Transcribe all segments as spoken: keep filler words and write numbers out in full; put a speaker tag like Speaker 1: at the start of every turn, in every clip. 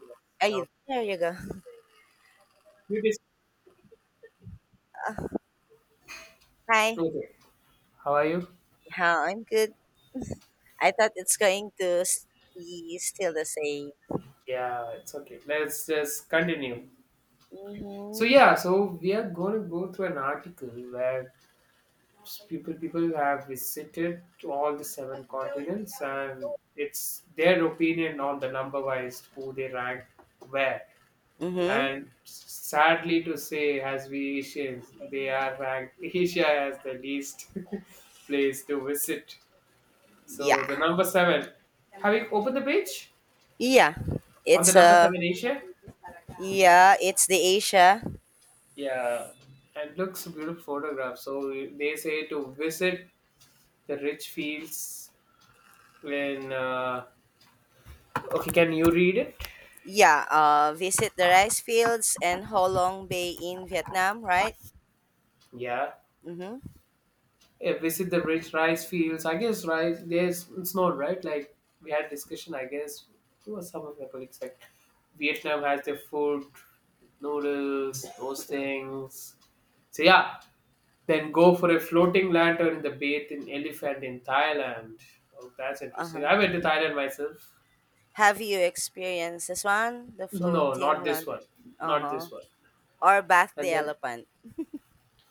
Speaker 1: Yes.
Speaker 2: Are
Speaker 1: Now
Speaker 2: you there? You go.
Speaker 1: you dis-
Speaker 2: Hi.
Speaker 1: okay. How are you?
Speaker 2: How I'm good. I thought it's going to s- be still the same.
Speaker 1: Yeah, it's okay. Let's just continue. So
Speaker 2: Mhm.
Speaker 1: yeah, so we are going to go through an article where people people have visited to all the seven continents and it's their opinion on the number wise who they rank where.
Speaker 2: Mhm.
Speaker 1: And sadly to say, as we Asians, they are ranked Asia as the least place to visit. So
Speaker 2: Yeah.
Speaker 1: the number seven. Have you opened the page?
Speaker 2: Yeah.
Speaker 1: On the
Speaker 2: It's
Speaker 1: number
Speaker 2: uh
Speaker 1: seven, Asia?
Speaker 2: yeah. It's the Asia.
Speaker 1: Yeah, it looks a beautiful photograph. So they say to visit the rich fields when. Uh, okay, can you read it?
Speaker 2: Yeah. Uh, visit the rice fields and Ho Long Bay in Vietnam, right?
Speaker 1: Yeah.
Speaker 2: Mhm.
Speaker 1: Yeah, visit the rich rice fields. I guess rice, there's it's not right? Like we had discussion, I guess. Who was some of my colleagues like Vietnam has their food, noodles, those things. So yeah, then go for a floating lantern in the bathing elephant in Thailand. Oh, that's
Speaker 2: Uh
Speaker 1: interesting.
Speaker 2: huh.
Speaker 1: I went to Thailand myself.
Speaker 2: Have you experienced this one? The
Speaker 1: No, not
Speaker 2: floating
Speaker 1: this one.
Speaker 2: lantern. Uh
Speaker 1: Not
Speaker 2: huh.
Speaker 1: this one.
Speaker 2: Or bath
Speaker 1: And
Speaker 2: the
Speaker 1: then
Speaker 2: elephant.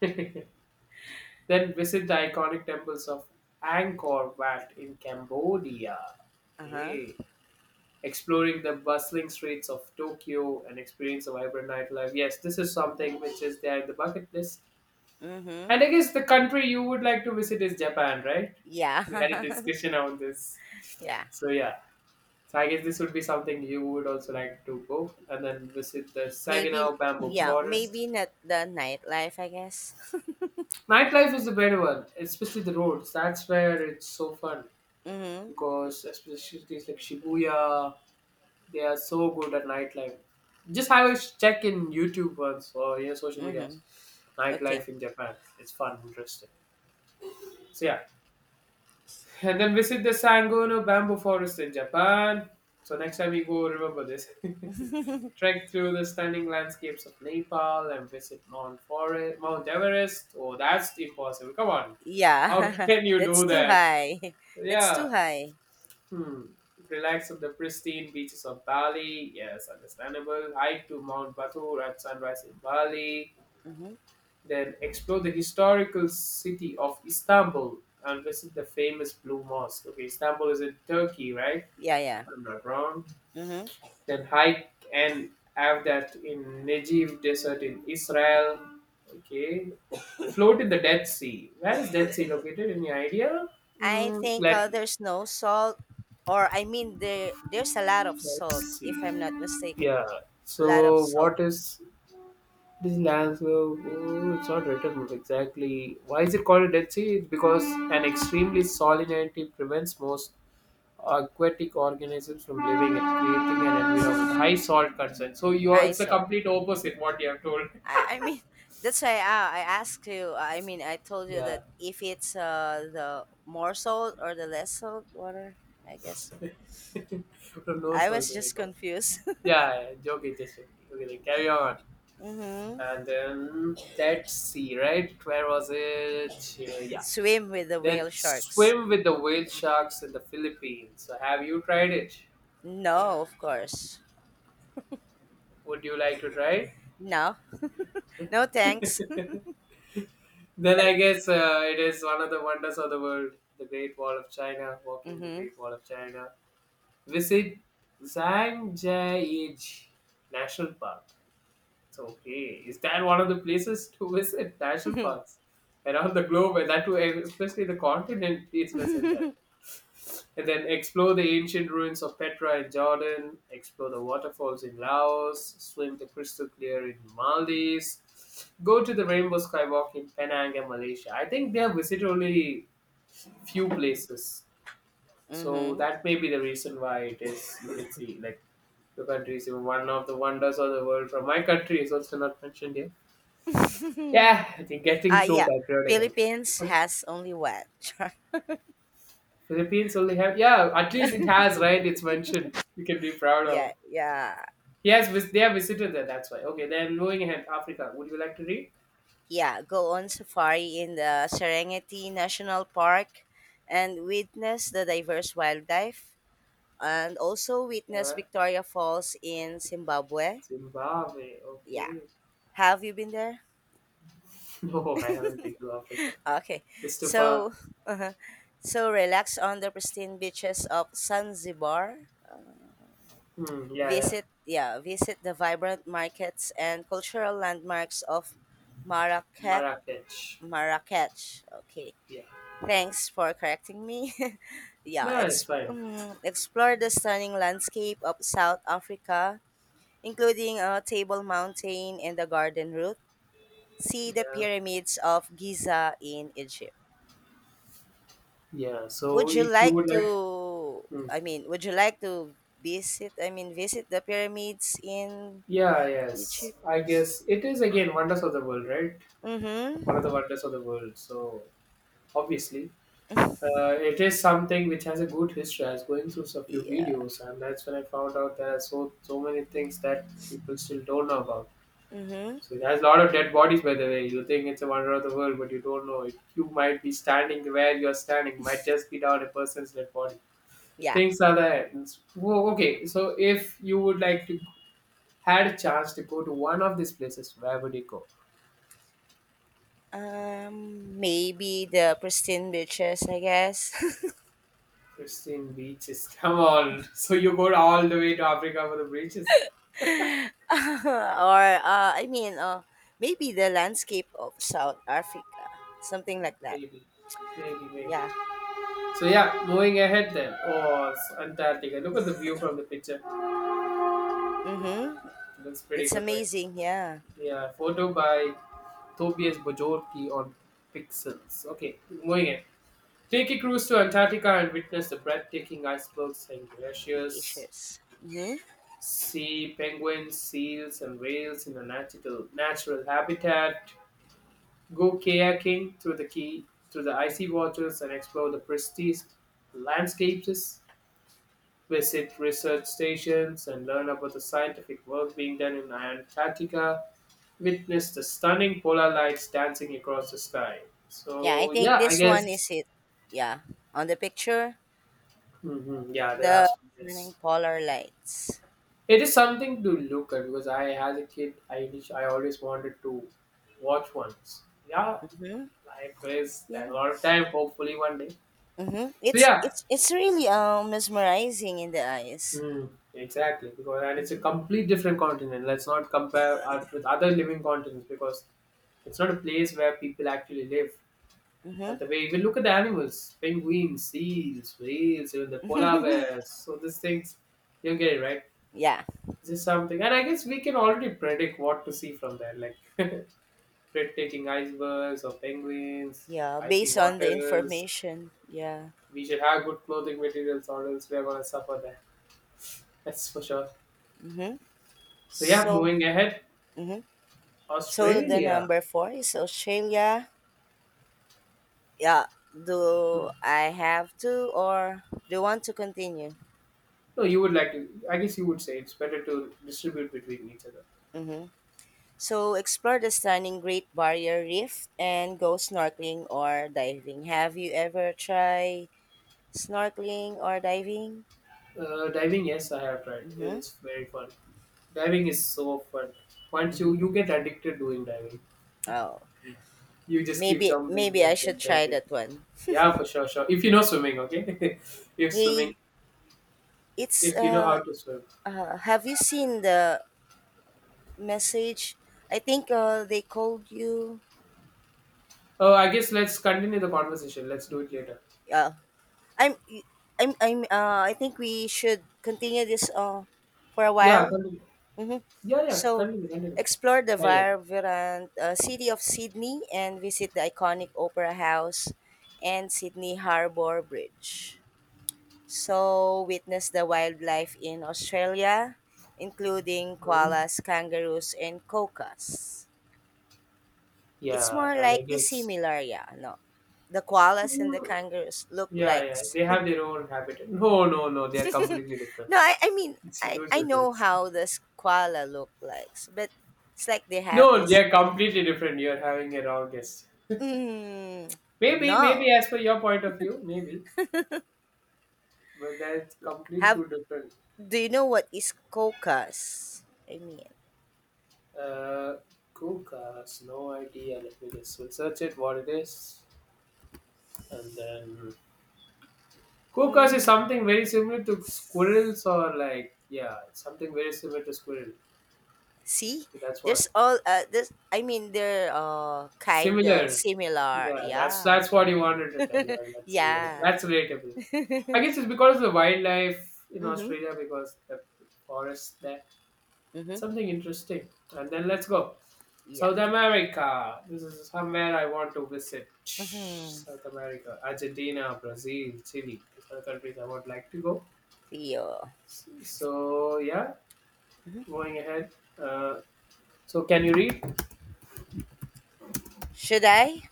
Speaker 1: then visit the iconic temples of Angkor Wat in Cambodia.
Speaker 2: Uh huh.
Speaker 1: Okay. Exploring the bustling streets of Tokyo and experience a vibrant nightlife. Yes, this is something which is there in the bucket list. And
Speaker 2: Mhm.
Speaker 1: I guess the country you would like to visit is Japan, right? We had a
Speaker 2: Yeah.
Speaker 1: discussion on this.
Speaker 2: yeah.
Speaker 1: So yeah. So I guess this would be something you would also like to go and then visit the
Speaker 2: Maybe
Speaker 1: Saginaw Bamboo
Speaker 2: yeah,
Speaker 1: Forest.
Speaker 2: maybe not the nightlife, I guess.
Speaker 1: Nightlife is a better one, especially the roads. That's where it's so fun
Speaker 2: mhm.
Speaker 1: because especially cities like Shibuya, they are so good at nightlife. Just have a check in YouTube once or your social medias.
Speaker 2: Mhm. Okay.
Speaker 1: Nightlife in Japan. It's fun, interesting. So yeah, and then visit the Sangono Bamboo Forest in Japan. So next time you go, remember this. Trek through the stunning landscapes of Nepal and visit Mount Forest, Mount Everest. Oh, that's impossible. Come on. How
Speaker 2: Yeah.
Speaker 1: can you
Speaker 2: That's
Speaker 1: do
Speaker 2: too
Speaker 1: that?
Speaker 2: high. That's
Speaker 1: Yeah.
Speaker 2: too high.
Speaker 1: Hmm. Relax on the pristine beaches of Bali. Yes, understandable. Hike to Mount Batur at sunrise in Bali.
Speaker 2: Mhm.
Speaker 1: Then explore the historical city of Istanbul and visit the famous Blue Mosque. Okay, Istanbul is in Turkey, right?
Speaker 2: Yeah, yeah.
Speaker 1: I'm not wrong.
Speaker 2: Mhm.
Speaker 1: Then hike and have that in Negev Desert in Israel. Okay. Float in the Dead Sea. Where is Dead Sea located? Any idea?
Speaker 2: I
Speaker 1: Mm,
Speaker 2: think
Speaker 1: let
Speaker 2: uh, there's no salt or I mean there there's a lot of salt
Speaker 1: let's
Speaker 2: if I'm not
Speaker 1: see.
Speaker 2: mistaken.
Speaker 1: Yeah.
Speaker 2: A lot of
Speaker 1: So
Speaker 2: salt.
Speaker 1: what is this land? So oh, it's not written exactly. Why is it called a Dead Sea? It's because an extremely salinity prevents most aquatic organisms from living and creating an environment with high salt content. So you are,
Speaker 2: High
Speaker 1: it's the
Speaker 2: salt.
Speaker 1: complete opposite what you have told.
Speaker 2: I, I mean that's why I, I asked you uh, I mean I told you
Speaker 1: Yeah.
Speaker 2: that if it's uh the more salt or the less salt water, I guess.
Speaker 1: From no
Speaker 2: I
Speaker 1: soul
Speaker 2: was
Speaker 1: to no
Speaker 2: just
Speaker 1: soul.
Speaker 2: confused.
Speaker 1: Yeah, yeah, joking, just joking. Okay, then carry on.
Speaker 2: hmm
Speaker 1: And then let's see, right? Where was it? Uh, yeah.
Speaker 2: Swim with the
Speaker 1: Then
Speaker 2: whale sharks.
Speaker 1: swim with the whale sharks in the Philippines. So have you tried it?
Speaker 2: No, of course.
Speaker 1: Would you like to try
Speaker 2: No, no thanks.
Speaker 1: it? Then I guess uh, it is one of the wonders of the world. The Great Wall of China, walking the
Speaker 2: Mm-hmm.
Speaker 1: Great Wall of China. Visit Zhangjiajie National Park. It's okay. Is that one of the places to visit? National parks around the globe, and that too, especially the continent, please visit that. And then explore the ancient ruins of Petra in Jordan, explore the waterfalls in Laos, swim the crystal clear in Maldives, go to the rainbow skywalk in Penang and Malaysia. I think they have visited only few places. So
Speaker 2: Mm-hmm.
Speaker 1: that may be the reason why it is, you can see, like, the country is one of the wonders of the world. From my country is also not mentioned here. Yeah, they're
Speaker 2: Ah
Speaker 1: getting too
Speaker 2: yeah.
Speaker 1: patriotic.
Speaker 2: Philippines
Speaker 1: I guess.
Speaker 2: has only one shark.
Speaker 1: Philippines only have yeah. At least it has right. It's mentioned. You can be proud of.
Speaker 2: Yeah, yeah,
Speaker 1: He has vis- they have visited there. That's why. Okay, then moving ahead. Africa. Would you like to read?
Speaker 2: yeah. Go on safari in the Serengeti National Park and witness the diverse wildlife and also witness
Speaker 1: Yeah.
Speaker 2: Victoria Falls in Zimbabwe.
Speaker 1: Zimbabwe.
Speaker 2: Yeah.
Speaker 1: Okay.
Speaker 2: Have you been there?
Speaker 1: No, I haven't been to Africa.
Speaker 2: Okay,
Speaker 1: It's
Speaker 2: so uh so relax on the pristine beaches of Zanzibar.
Speaker 1: Hmm, yeah, yeah.
Speaker 2: Visit yeah, visit the vibrant markets and cultural landmarks of Marrakech.
Speaker 1: Marrakech.
Speaker 2: Marrakech. Okay,
Speaker 1: Yeah.
Speaker 2: thanks for correcting me. yeah,
Speaker 1: No, it's
Speaker 2: ex-
Speaker 1: fine.
Speaker 2: mm, explore the stunning landscape of South Africa, including uh, Table Mountain and the Garden Route. See the
Speaker 1: Yeah.
Speaker 2: pyramids of Giza in Egypt.
Speaker 1: Yeah. So
Speaker 2: Would you
Speaker 1: if you
Speaker 2: like
Speaker 1: would like.
Speaker 2: to
Speaker 1: Hmm.
Speaker 2: I mean, would you like to visit I mean visit the pyramids in
Speaker 1: Yeah. Yes.
Speaker 2: Egypt?
Speaker 1: I guess it is again wonders of the world, right? One of the
Speaker 2: Mm-hmm.
Speaker 1: wonders of the world. So obviously. Uh, it is something which has a good history. I was going through a few
Speaker 2: Yeah.
Speaker 1: videos, and that's when I found out there are so so many things that people still don't know about.
Speaker 2: Mm-hmm.
Speaker 1: So it has a lot of dead bodies, by the way. You think it's a wonder of the world, but you don't know it. You might be standing where you're standing, might just be down a person's dead body.
Speaker 2: Yeah.
Speaker 1: Things are there. It's- Whoa, okay, so if you would like to had a chance to go to one of these places, where would you go?
Speaker 2: Um Maybe the pristine beaches, I guess.
Speaker 1: Pristine beaches. Come on. So you go all the way to Africa for the beaches?
Speaker 2: or uh I mean uh maybe the landscape of South Africa. Something like that.
Speaker 1: Maybe, maybe, maybe.
Speaker 2: Yeah.
Speaker 1: So yeah, moving ahead then. Oh, it's Antarctica. Look at the view from the picture.
Speaker 2: Mm-hmm.
Speaker 1: Looks pretty
Speaker 2: That's
Speaker 1: good, right?
Speaker 2: amazing, yeah.
Speaker 1: Yeah, photo by Tobias Bojorki on Pixels. Okay, moving ahead. Take a cruise to Antarctica and witness the breathtaking icebergs and glaciers.
Speaker 2: Delicious. Mm-hmm.
Speaker 1: See penguins, seals, and whales in a natural natural habitat. Go kayaking through the key through the icy waters and explore the pristine landscapes visit research stations, and learn about the scientific work being done in Antarctica, witness the stunning polar lights dancing across the sky.
Speaker 2: Yeah, I
Speaker 1: So,
Speaker 2: think
Speaker 1: yeah, I
Speaker 2: this one
Speaker 1: guess,
Speaker 2: is it. Yeah. On the picture.
Speaker 1: hmm yeah, the
Speaker 2: The
Speaker 1: last
Speaker 2: stunning
Speaker 1: yes.
Speaker 2: polar lights.
Speaker 1: It is something to look at because I, as a kid, I, init- I always wanted to watch ones. Yeah, life is a
Speaker 2: Yeah.
Speaker 1: lot of time, hopefully, one day.
Speaker 2: Mm-hmm.
Speaker 1: So,
Speaker 2: It's
Speaker 1: yeah,
Speaker 2: it's it's really um mesmerizing in the eyes.
Speaker 1: Mm, exactly. Because and it's a
Speaker 2: Mm-hmm.
Speaker 1: complete different continent. Let's not compare Earth with other living continents because it's not a place where people actually live.
Speaker 2: Mm-hmm.
Speaker 1: And the way even look at the animals, penguins, seals, whales, even the polar bears. So these things, you get it right.
Speaker 2: Yeah.
Speaker 1: This is something, and I guess we can already predict what to see from there, like breathtaking icebergs or penguins,
Speaker 2: Yeah.
Speaker 1: icy
Speaker 2: Based on the
Speaker 1: waters.
Speaker 2: information. Yeah.
Speaker 1: We should have good clothing materials, or else we are gonna suffer there. That's for sure.
Speaker 2: Mm-hmm.
Speaker 1: So yeah,
Speaker 2: So.
Speaker 1: moving ahead,
Speaker 2: Mm-hmm. So the
Speaker 1: Australia.
Speaker 2: number four is Australia. Yeah.
Speaker 1: Hmm.
Speaker 2: Do I have to or do you want to continue?
Speaker 1: No, you would like to. I guess you would say it's better to distribute between each other.
Speaker 2: Mm-hmm. So explore the stunning Great Barrier Reef and go snorkeling or diving. Have you ever tried snorkeling or diving?
Speaker 1: Uh, diving, yes, I have tried.
Speaker 2: Mm-hmm.
Speaker 1: It's very fun. Diving is so fun. Once you
Speaker 2: Mm-hmm.
Speaker 1: you get addicted doing diving,
Speaker 2: Oh,
Speaker 1: you just keep
Speaker 2: maybe
Speaker 1: jumping,
Speaker 2: maybe I should
Speaker 1: jumping,
Speaker 2: try
Speaker 1: jumping.
Speaker 2: that one.
Speaker 1: Yeah, for sure, sure. If you know swimming, okay. If swimming,
Speaker 2: Hey, it's
Speaker 1: if you know
Speaker 2: uh,
Speaker 1: how to swim.
Speaker 2: uh have you seen the message? I think uh they called you.
Speaker 1: Oh, I guess let's continue the conversation. Let's do it later.
Speaker 2: Yeah. I'm I'm I'm uh I think we should continue this uh for a
Speaker 1: Yeah,
Speaker 2: while.
Speaker 1: continue.
Speaker 2: Hmm
Speaker 1: Yeah, yeah,
Speaker 2: So,
Speaker 1: continue, continue,
Speaker 2: explore the
Speaker 1: continue.
Speaker 2: vibrant uh, city of Sydney and visit the iconic Opera House and Sydney Harbour Bridge. So witness the wildlife in Australia, including
Speaker 1: hmm
Speaker 2: koalas, kangaroos, and cocas. It's
Speaker 1: Yeah,
Speaker 2: more
Speaker 1: and I
Speaker 2: likely
Speaker 1: guess.
Speaker 2: similar, yeah, no. The koalas and the kangaroos look
Speaker 1: Yeah,
Speaker 2: like.
Speaker 1: yeah, they have their own habitat. No, no, no, they are completely different.
Speaker 2: No, I, I mean,
Speaker 1: It's a
Speaker 2: I,
Speaker 1: huge
Speaker 2: I know
Speaker 1: difference.
Speaker 2: how the s- koala look like, but it's like they have
Speaker 1: No,
Speaker 2: this,
Speaker 1: they're
Speaker 2: you know.
Speaker 1: completely different. You're having a wrong guess.
Speaker 2: Mm,
Speaker 1: Maybe,
Speaker 2: no.
Speaker 1: maybe as per your point of view, maybe, but that's complete
Speaker 2: Have
Speaker 1: two different.
Speaker 2: do you know what is cocas? I mean.
Speaker 1: Uh, Kukas, no idea. Let me just we'll search it what it is, and then Kukas is
Speaker 2: Mhm.
Speaker 1: something very similar to squirrels or like yeah, something very similar to squirrel.
Speaker 2: See,
Speaker 1: That's
Speaker 2: there's
Speaker 1: what
Speaker 2: all uh this I mean they're uh kind of
Speaker 1: similar.
Speaker 2: similar.
Speaker 1: Yeah, that's
Speaker 2: Yeah.
Speaker 1: that's what you wanted to tell. Yeah, that's real.
Speaker 2: Yeah.
Speaker 1: That's relatable. I guess it's because of the wildlife in
Speaker 2: Mhm.
Speaker 1: Australia, because the forests there.
Speaker 2: Mhm.
Speaker 1: Something interesting. And then let's go.
Speaker 2: Yeah.
Speaker 1: South America. This is somewhere I want to visit.
Speaker 2: Mhm.
Speaker 1: South America, Argentina, Brazil, Chile. These are the countries I would like to go.
Speaker 2: Theo.
Speaker 1: So, yeah, going ahead. Uh, so, can you read?
Speaker 2: Should I?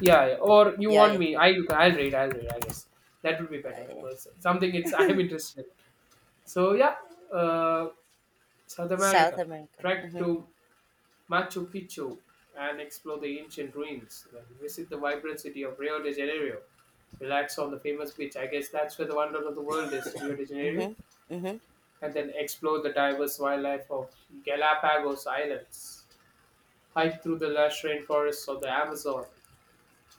Speaker 1: Yeah, yeah. Or you
Speaker 2: Yeah,
Speaker 1: want
Speaker 2: yeah.
Speaker 1: me? I, I'll read, I'll read, I guess. That would be better
Speaker 2: Uh, yeah.
Speaker 1: because something it's I'm interested in. So, yeah, uh, South
Speaker 2: South
Speaker 1: America.
Speaker 2: America.
Speaker 1: Trek
Speaker 2: Mhm.
Speaker 1: to Machu Picchu and explore the ancient ruins. Then visit the vibrant city of Rio de Janeiro. Relax on the famous beach. I guess that's where the wonder of the world is, Rio de Janeiro.
Speaker 2: Mhm. Mhm.
Speaker 1: And then explore the diverse wildlife of Galapagos Islands. Hike through the lush rainforests of the Amazon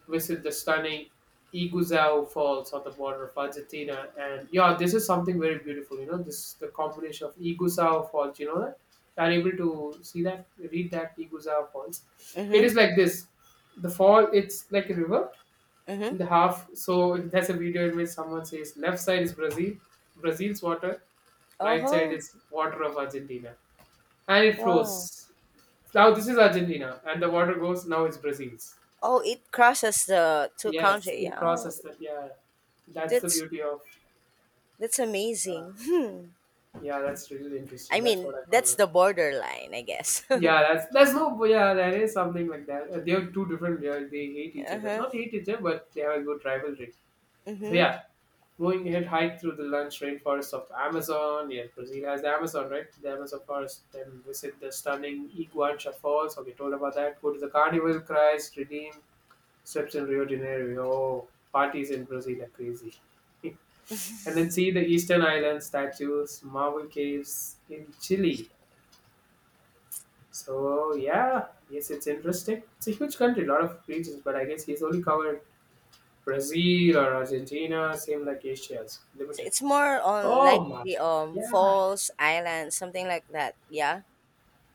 Speaker 1: visit the stunning Iguazú Falls on the border of Argentina. And yeah, this is something very beautiful. You know, this the combination of Iguazú Falls. You know that you are able to see that, read that Iguazú Falls. It
Speaker 2: Mhm.
Speaker 1: is like this. The fall, it's like a river
Speaker 2: Mhm.
Speaker 1: in the half. So that's a video in which someone says left side is Brazil, Brazil's water, right side
Speaker 2: Oh.
Speaker 1: is water of Argentina, and it
Speaker 2: Wow.
Speaker 1: flows. Now this is Argentina, and the water goes. Now it's Brazil's.
Speaker 2: Oh, it crosses the two
Speaker 1: Yes,
Speaker 2: country.
Speaker 1: it
Speaker 2: Yeah. Oh,
Speaker 1: crosses that. Yeah, that's the
Speaker 2: that's
Speaker 1: beauty of.
Speaker 2: that's
Speaker 1: Uh,
Speaker 2: amazing. Hmm.
Speaker 1: yeah, that's really
Speaker 2: I
Speaker 1: interesting. That's what
Speaker 2: mean,
Speaker 1: I found
Speaker 2: that's
Speaker 1: out.
Speaker 2: the borderline, I guess.
Speaker 1: Yeah, that's that's no. But yeah, there is something like that. Uh, they are two different. They, are, they hate each other.
Speaker 2: uh-huh.
Speaker 1: Not hate each other, but they have a good rivalry. So
Speaker 2: Mhm.
Speaker 1: yeah, going ahead, hike through the lush rainforest of Amazon. Yes, Brazil has the Amazon, right? The Amazon forest. Then visit the stunning Iguacha Falls. Okay, told about that. Go to the Carnival Christ Redeem. Steps in Rio de Janeiro. Oh, parties in Brazil are crazy. And then see the Eastern Island statues, marble caves in Chile. So yeah, yes, it's interesting. It's a huge country, a lot of regions, but I guess he's only covered Brazil or Argentina, same like Asia's
Speaker 2: So
Speaker 1: limited.
Speaker 2: it's more on like
Speaker 1: Oh my,
Speaker 2: the um
Speaker 1: yeah,
Speaker 2: falls island, something like that. Yeah.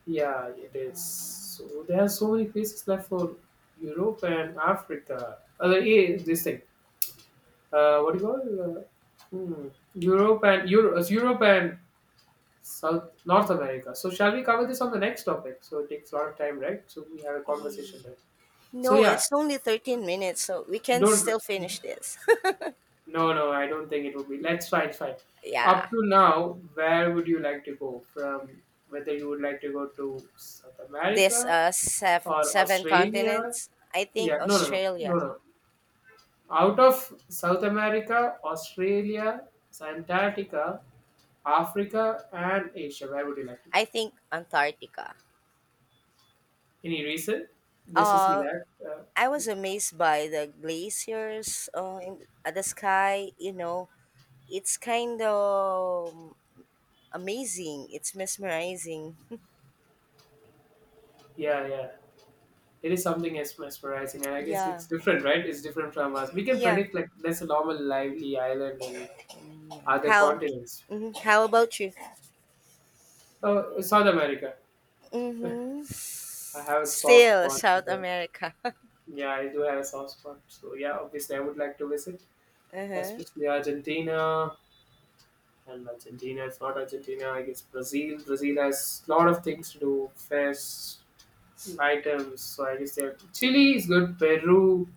Speaker 1: yeah, it is. So there are so many places left for Europe and Africa. Uh, eh, this thing, uh, what do you call it? Uh, hmm, Europe and Euro, uh, Europe and South North America. So shall we cover this on the next topic? So it takes a lot of time, right? So we have a
Speaker 2: Ye-
Speaker 1: conversation there. So
Speaker 2: No,
Speaker 1: yeah,
Speaker 2: it's only thirteen minutes, so we can
Speaker 1: don't.
Speaker 2: still finish this.
Speaker 1: No, no, I don't think it would be. Let's find fine.
Speaker 2: yeah,
Speaker 1: Up to now, where would you like to go from? Whether you would like to go to South
Speaker 2: this
Speaker 1: America
Speaker 2: uh sev-
Speaker 1: or
Speaker 2: seven
Speaker 1: Australia?
Speaker 2: continents. I think
Speaker 1: Yeah, no, no, no, no,
Speaker 2: Australia.
Speaker 1: no. Out of South America, Australia, Antarctica, Africa, and Asia, where would you like to go?
Speaker 2: I think Antarctica.
Speaker 1: Any reason? Just to see
Speaker 2: Uh,
Speaker 1: that. Uh,
Speaker 2: I was amazed by the glaciers uh, in uh, the sky. You know, it's kind of amazing. It's mesmerizing.
Speaker 1: Yeah, yeah. It is something as mesmerizing, and I guess
Speaker 2: yeah,
Speaker 1: it's different, right? It's different from us. We can
Speaker 2: yeah.
Speaker 1: predict like that's a normal lively island in other
Speaker 2: How?
Speaker 1: continents.
Speaker 2: Mhm, how about you?
Speaker 1: Oh, South America.
Speaker 2: Hmm
Speaker 1: I have a soft
Speaker 2: Still
Speaker 1: spot for
Speaker 2: South
Speaker 1: them.
Speaker 2: America.
Speaker 1: Yeah, I do have a soft spot. So yeah, obviously I would like to visit,
Speaker 2: uh-huh.
Speaker 1: especially Argentina. And Argentina, if not Argentina, I guess Brazil. Brazil has a lot of things to do, fairs, items. So I guess there. Chile is good. Peru,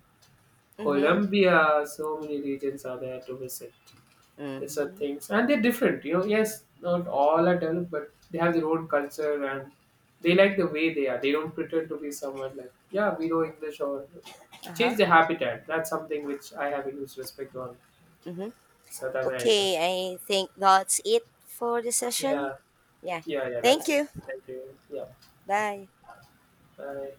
Speaker 2: Mm-hmm.
Speaker 1: Colombia. So many regions are there to visit. These are
Speaker 2: Mm-hmm.
Speaker 1: things and they're different, you know. Yes, not all are developed, but they have their own culture and they like the way they are. They don't pretend to be someone like, yeah, we know English or change
Speaker 2: Uh-huh.
Speaker 1: the habitat. That's something which I have a huge respect on
Speaker 2: Mm-hmm.
Speaker 1: South America.
Speaker 2: Okay, I think that's it for the session.
Speaker 1: Yeah,
Speaker 2: Yeah.
Speaker 1: yeah, yeah.
Speaker 2: Thank
Speaker 1: That's it.
Speaker 2: you.
Speaker 1: Thank you. Yeah.
Speaker 2: Bye.
Speaker 1: Bye.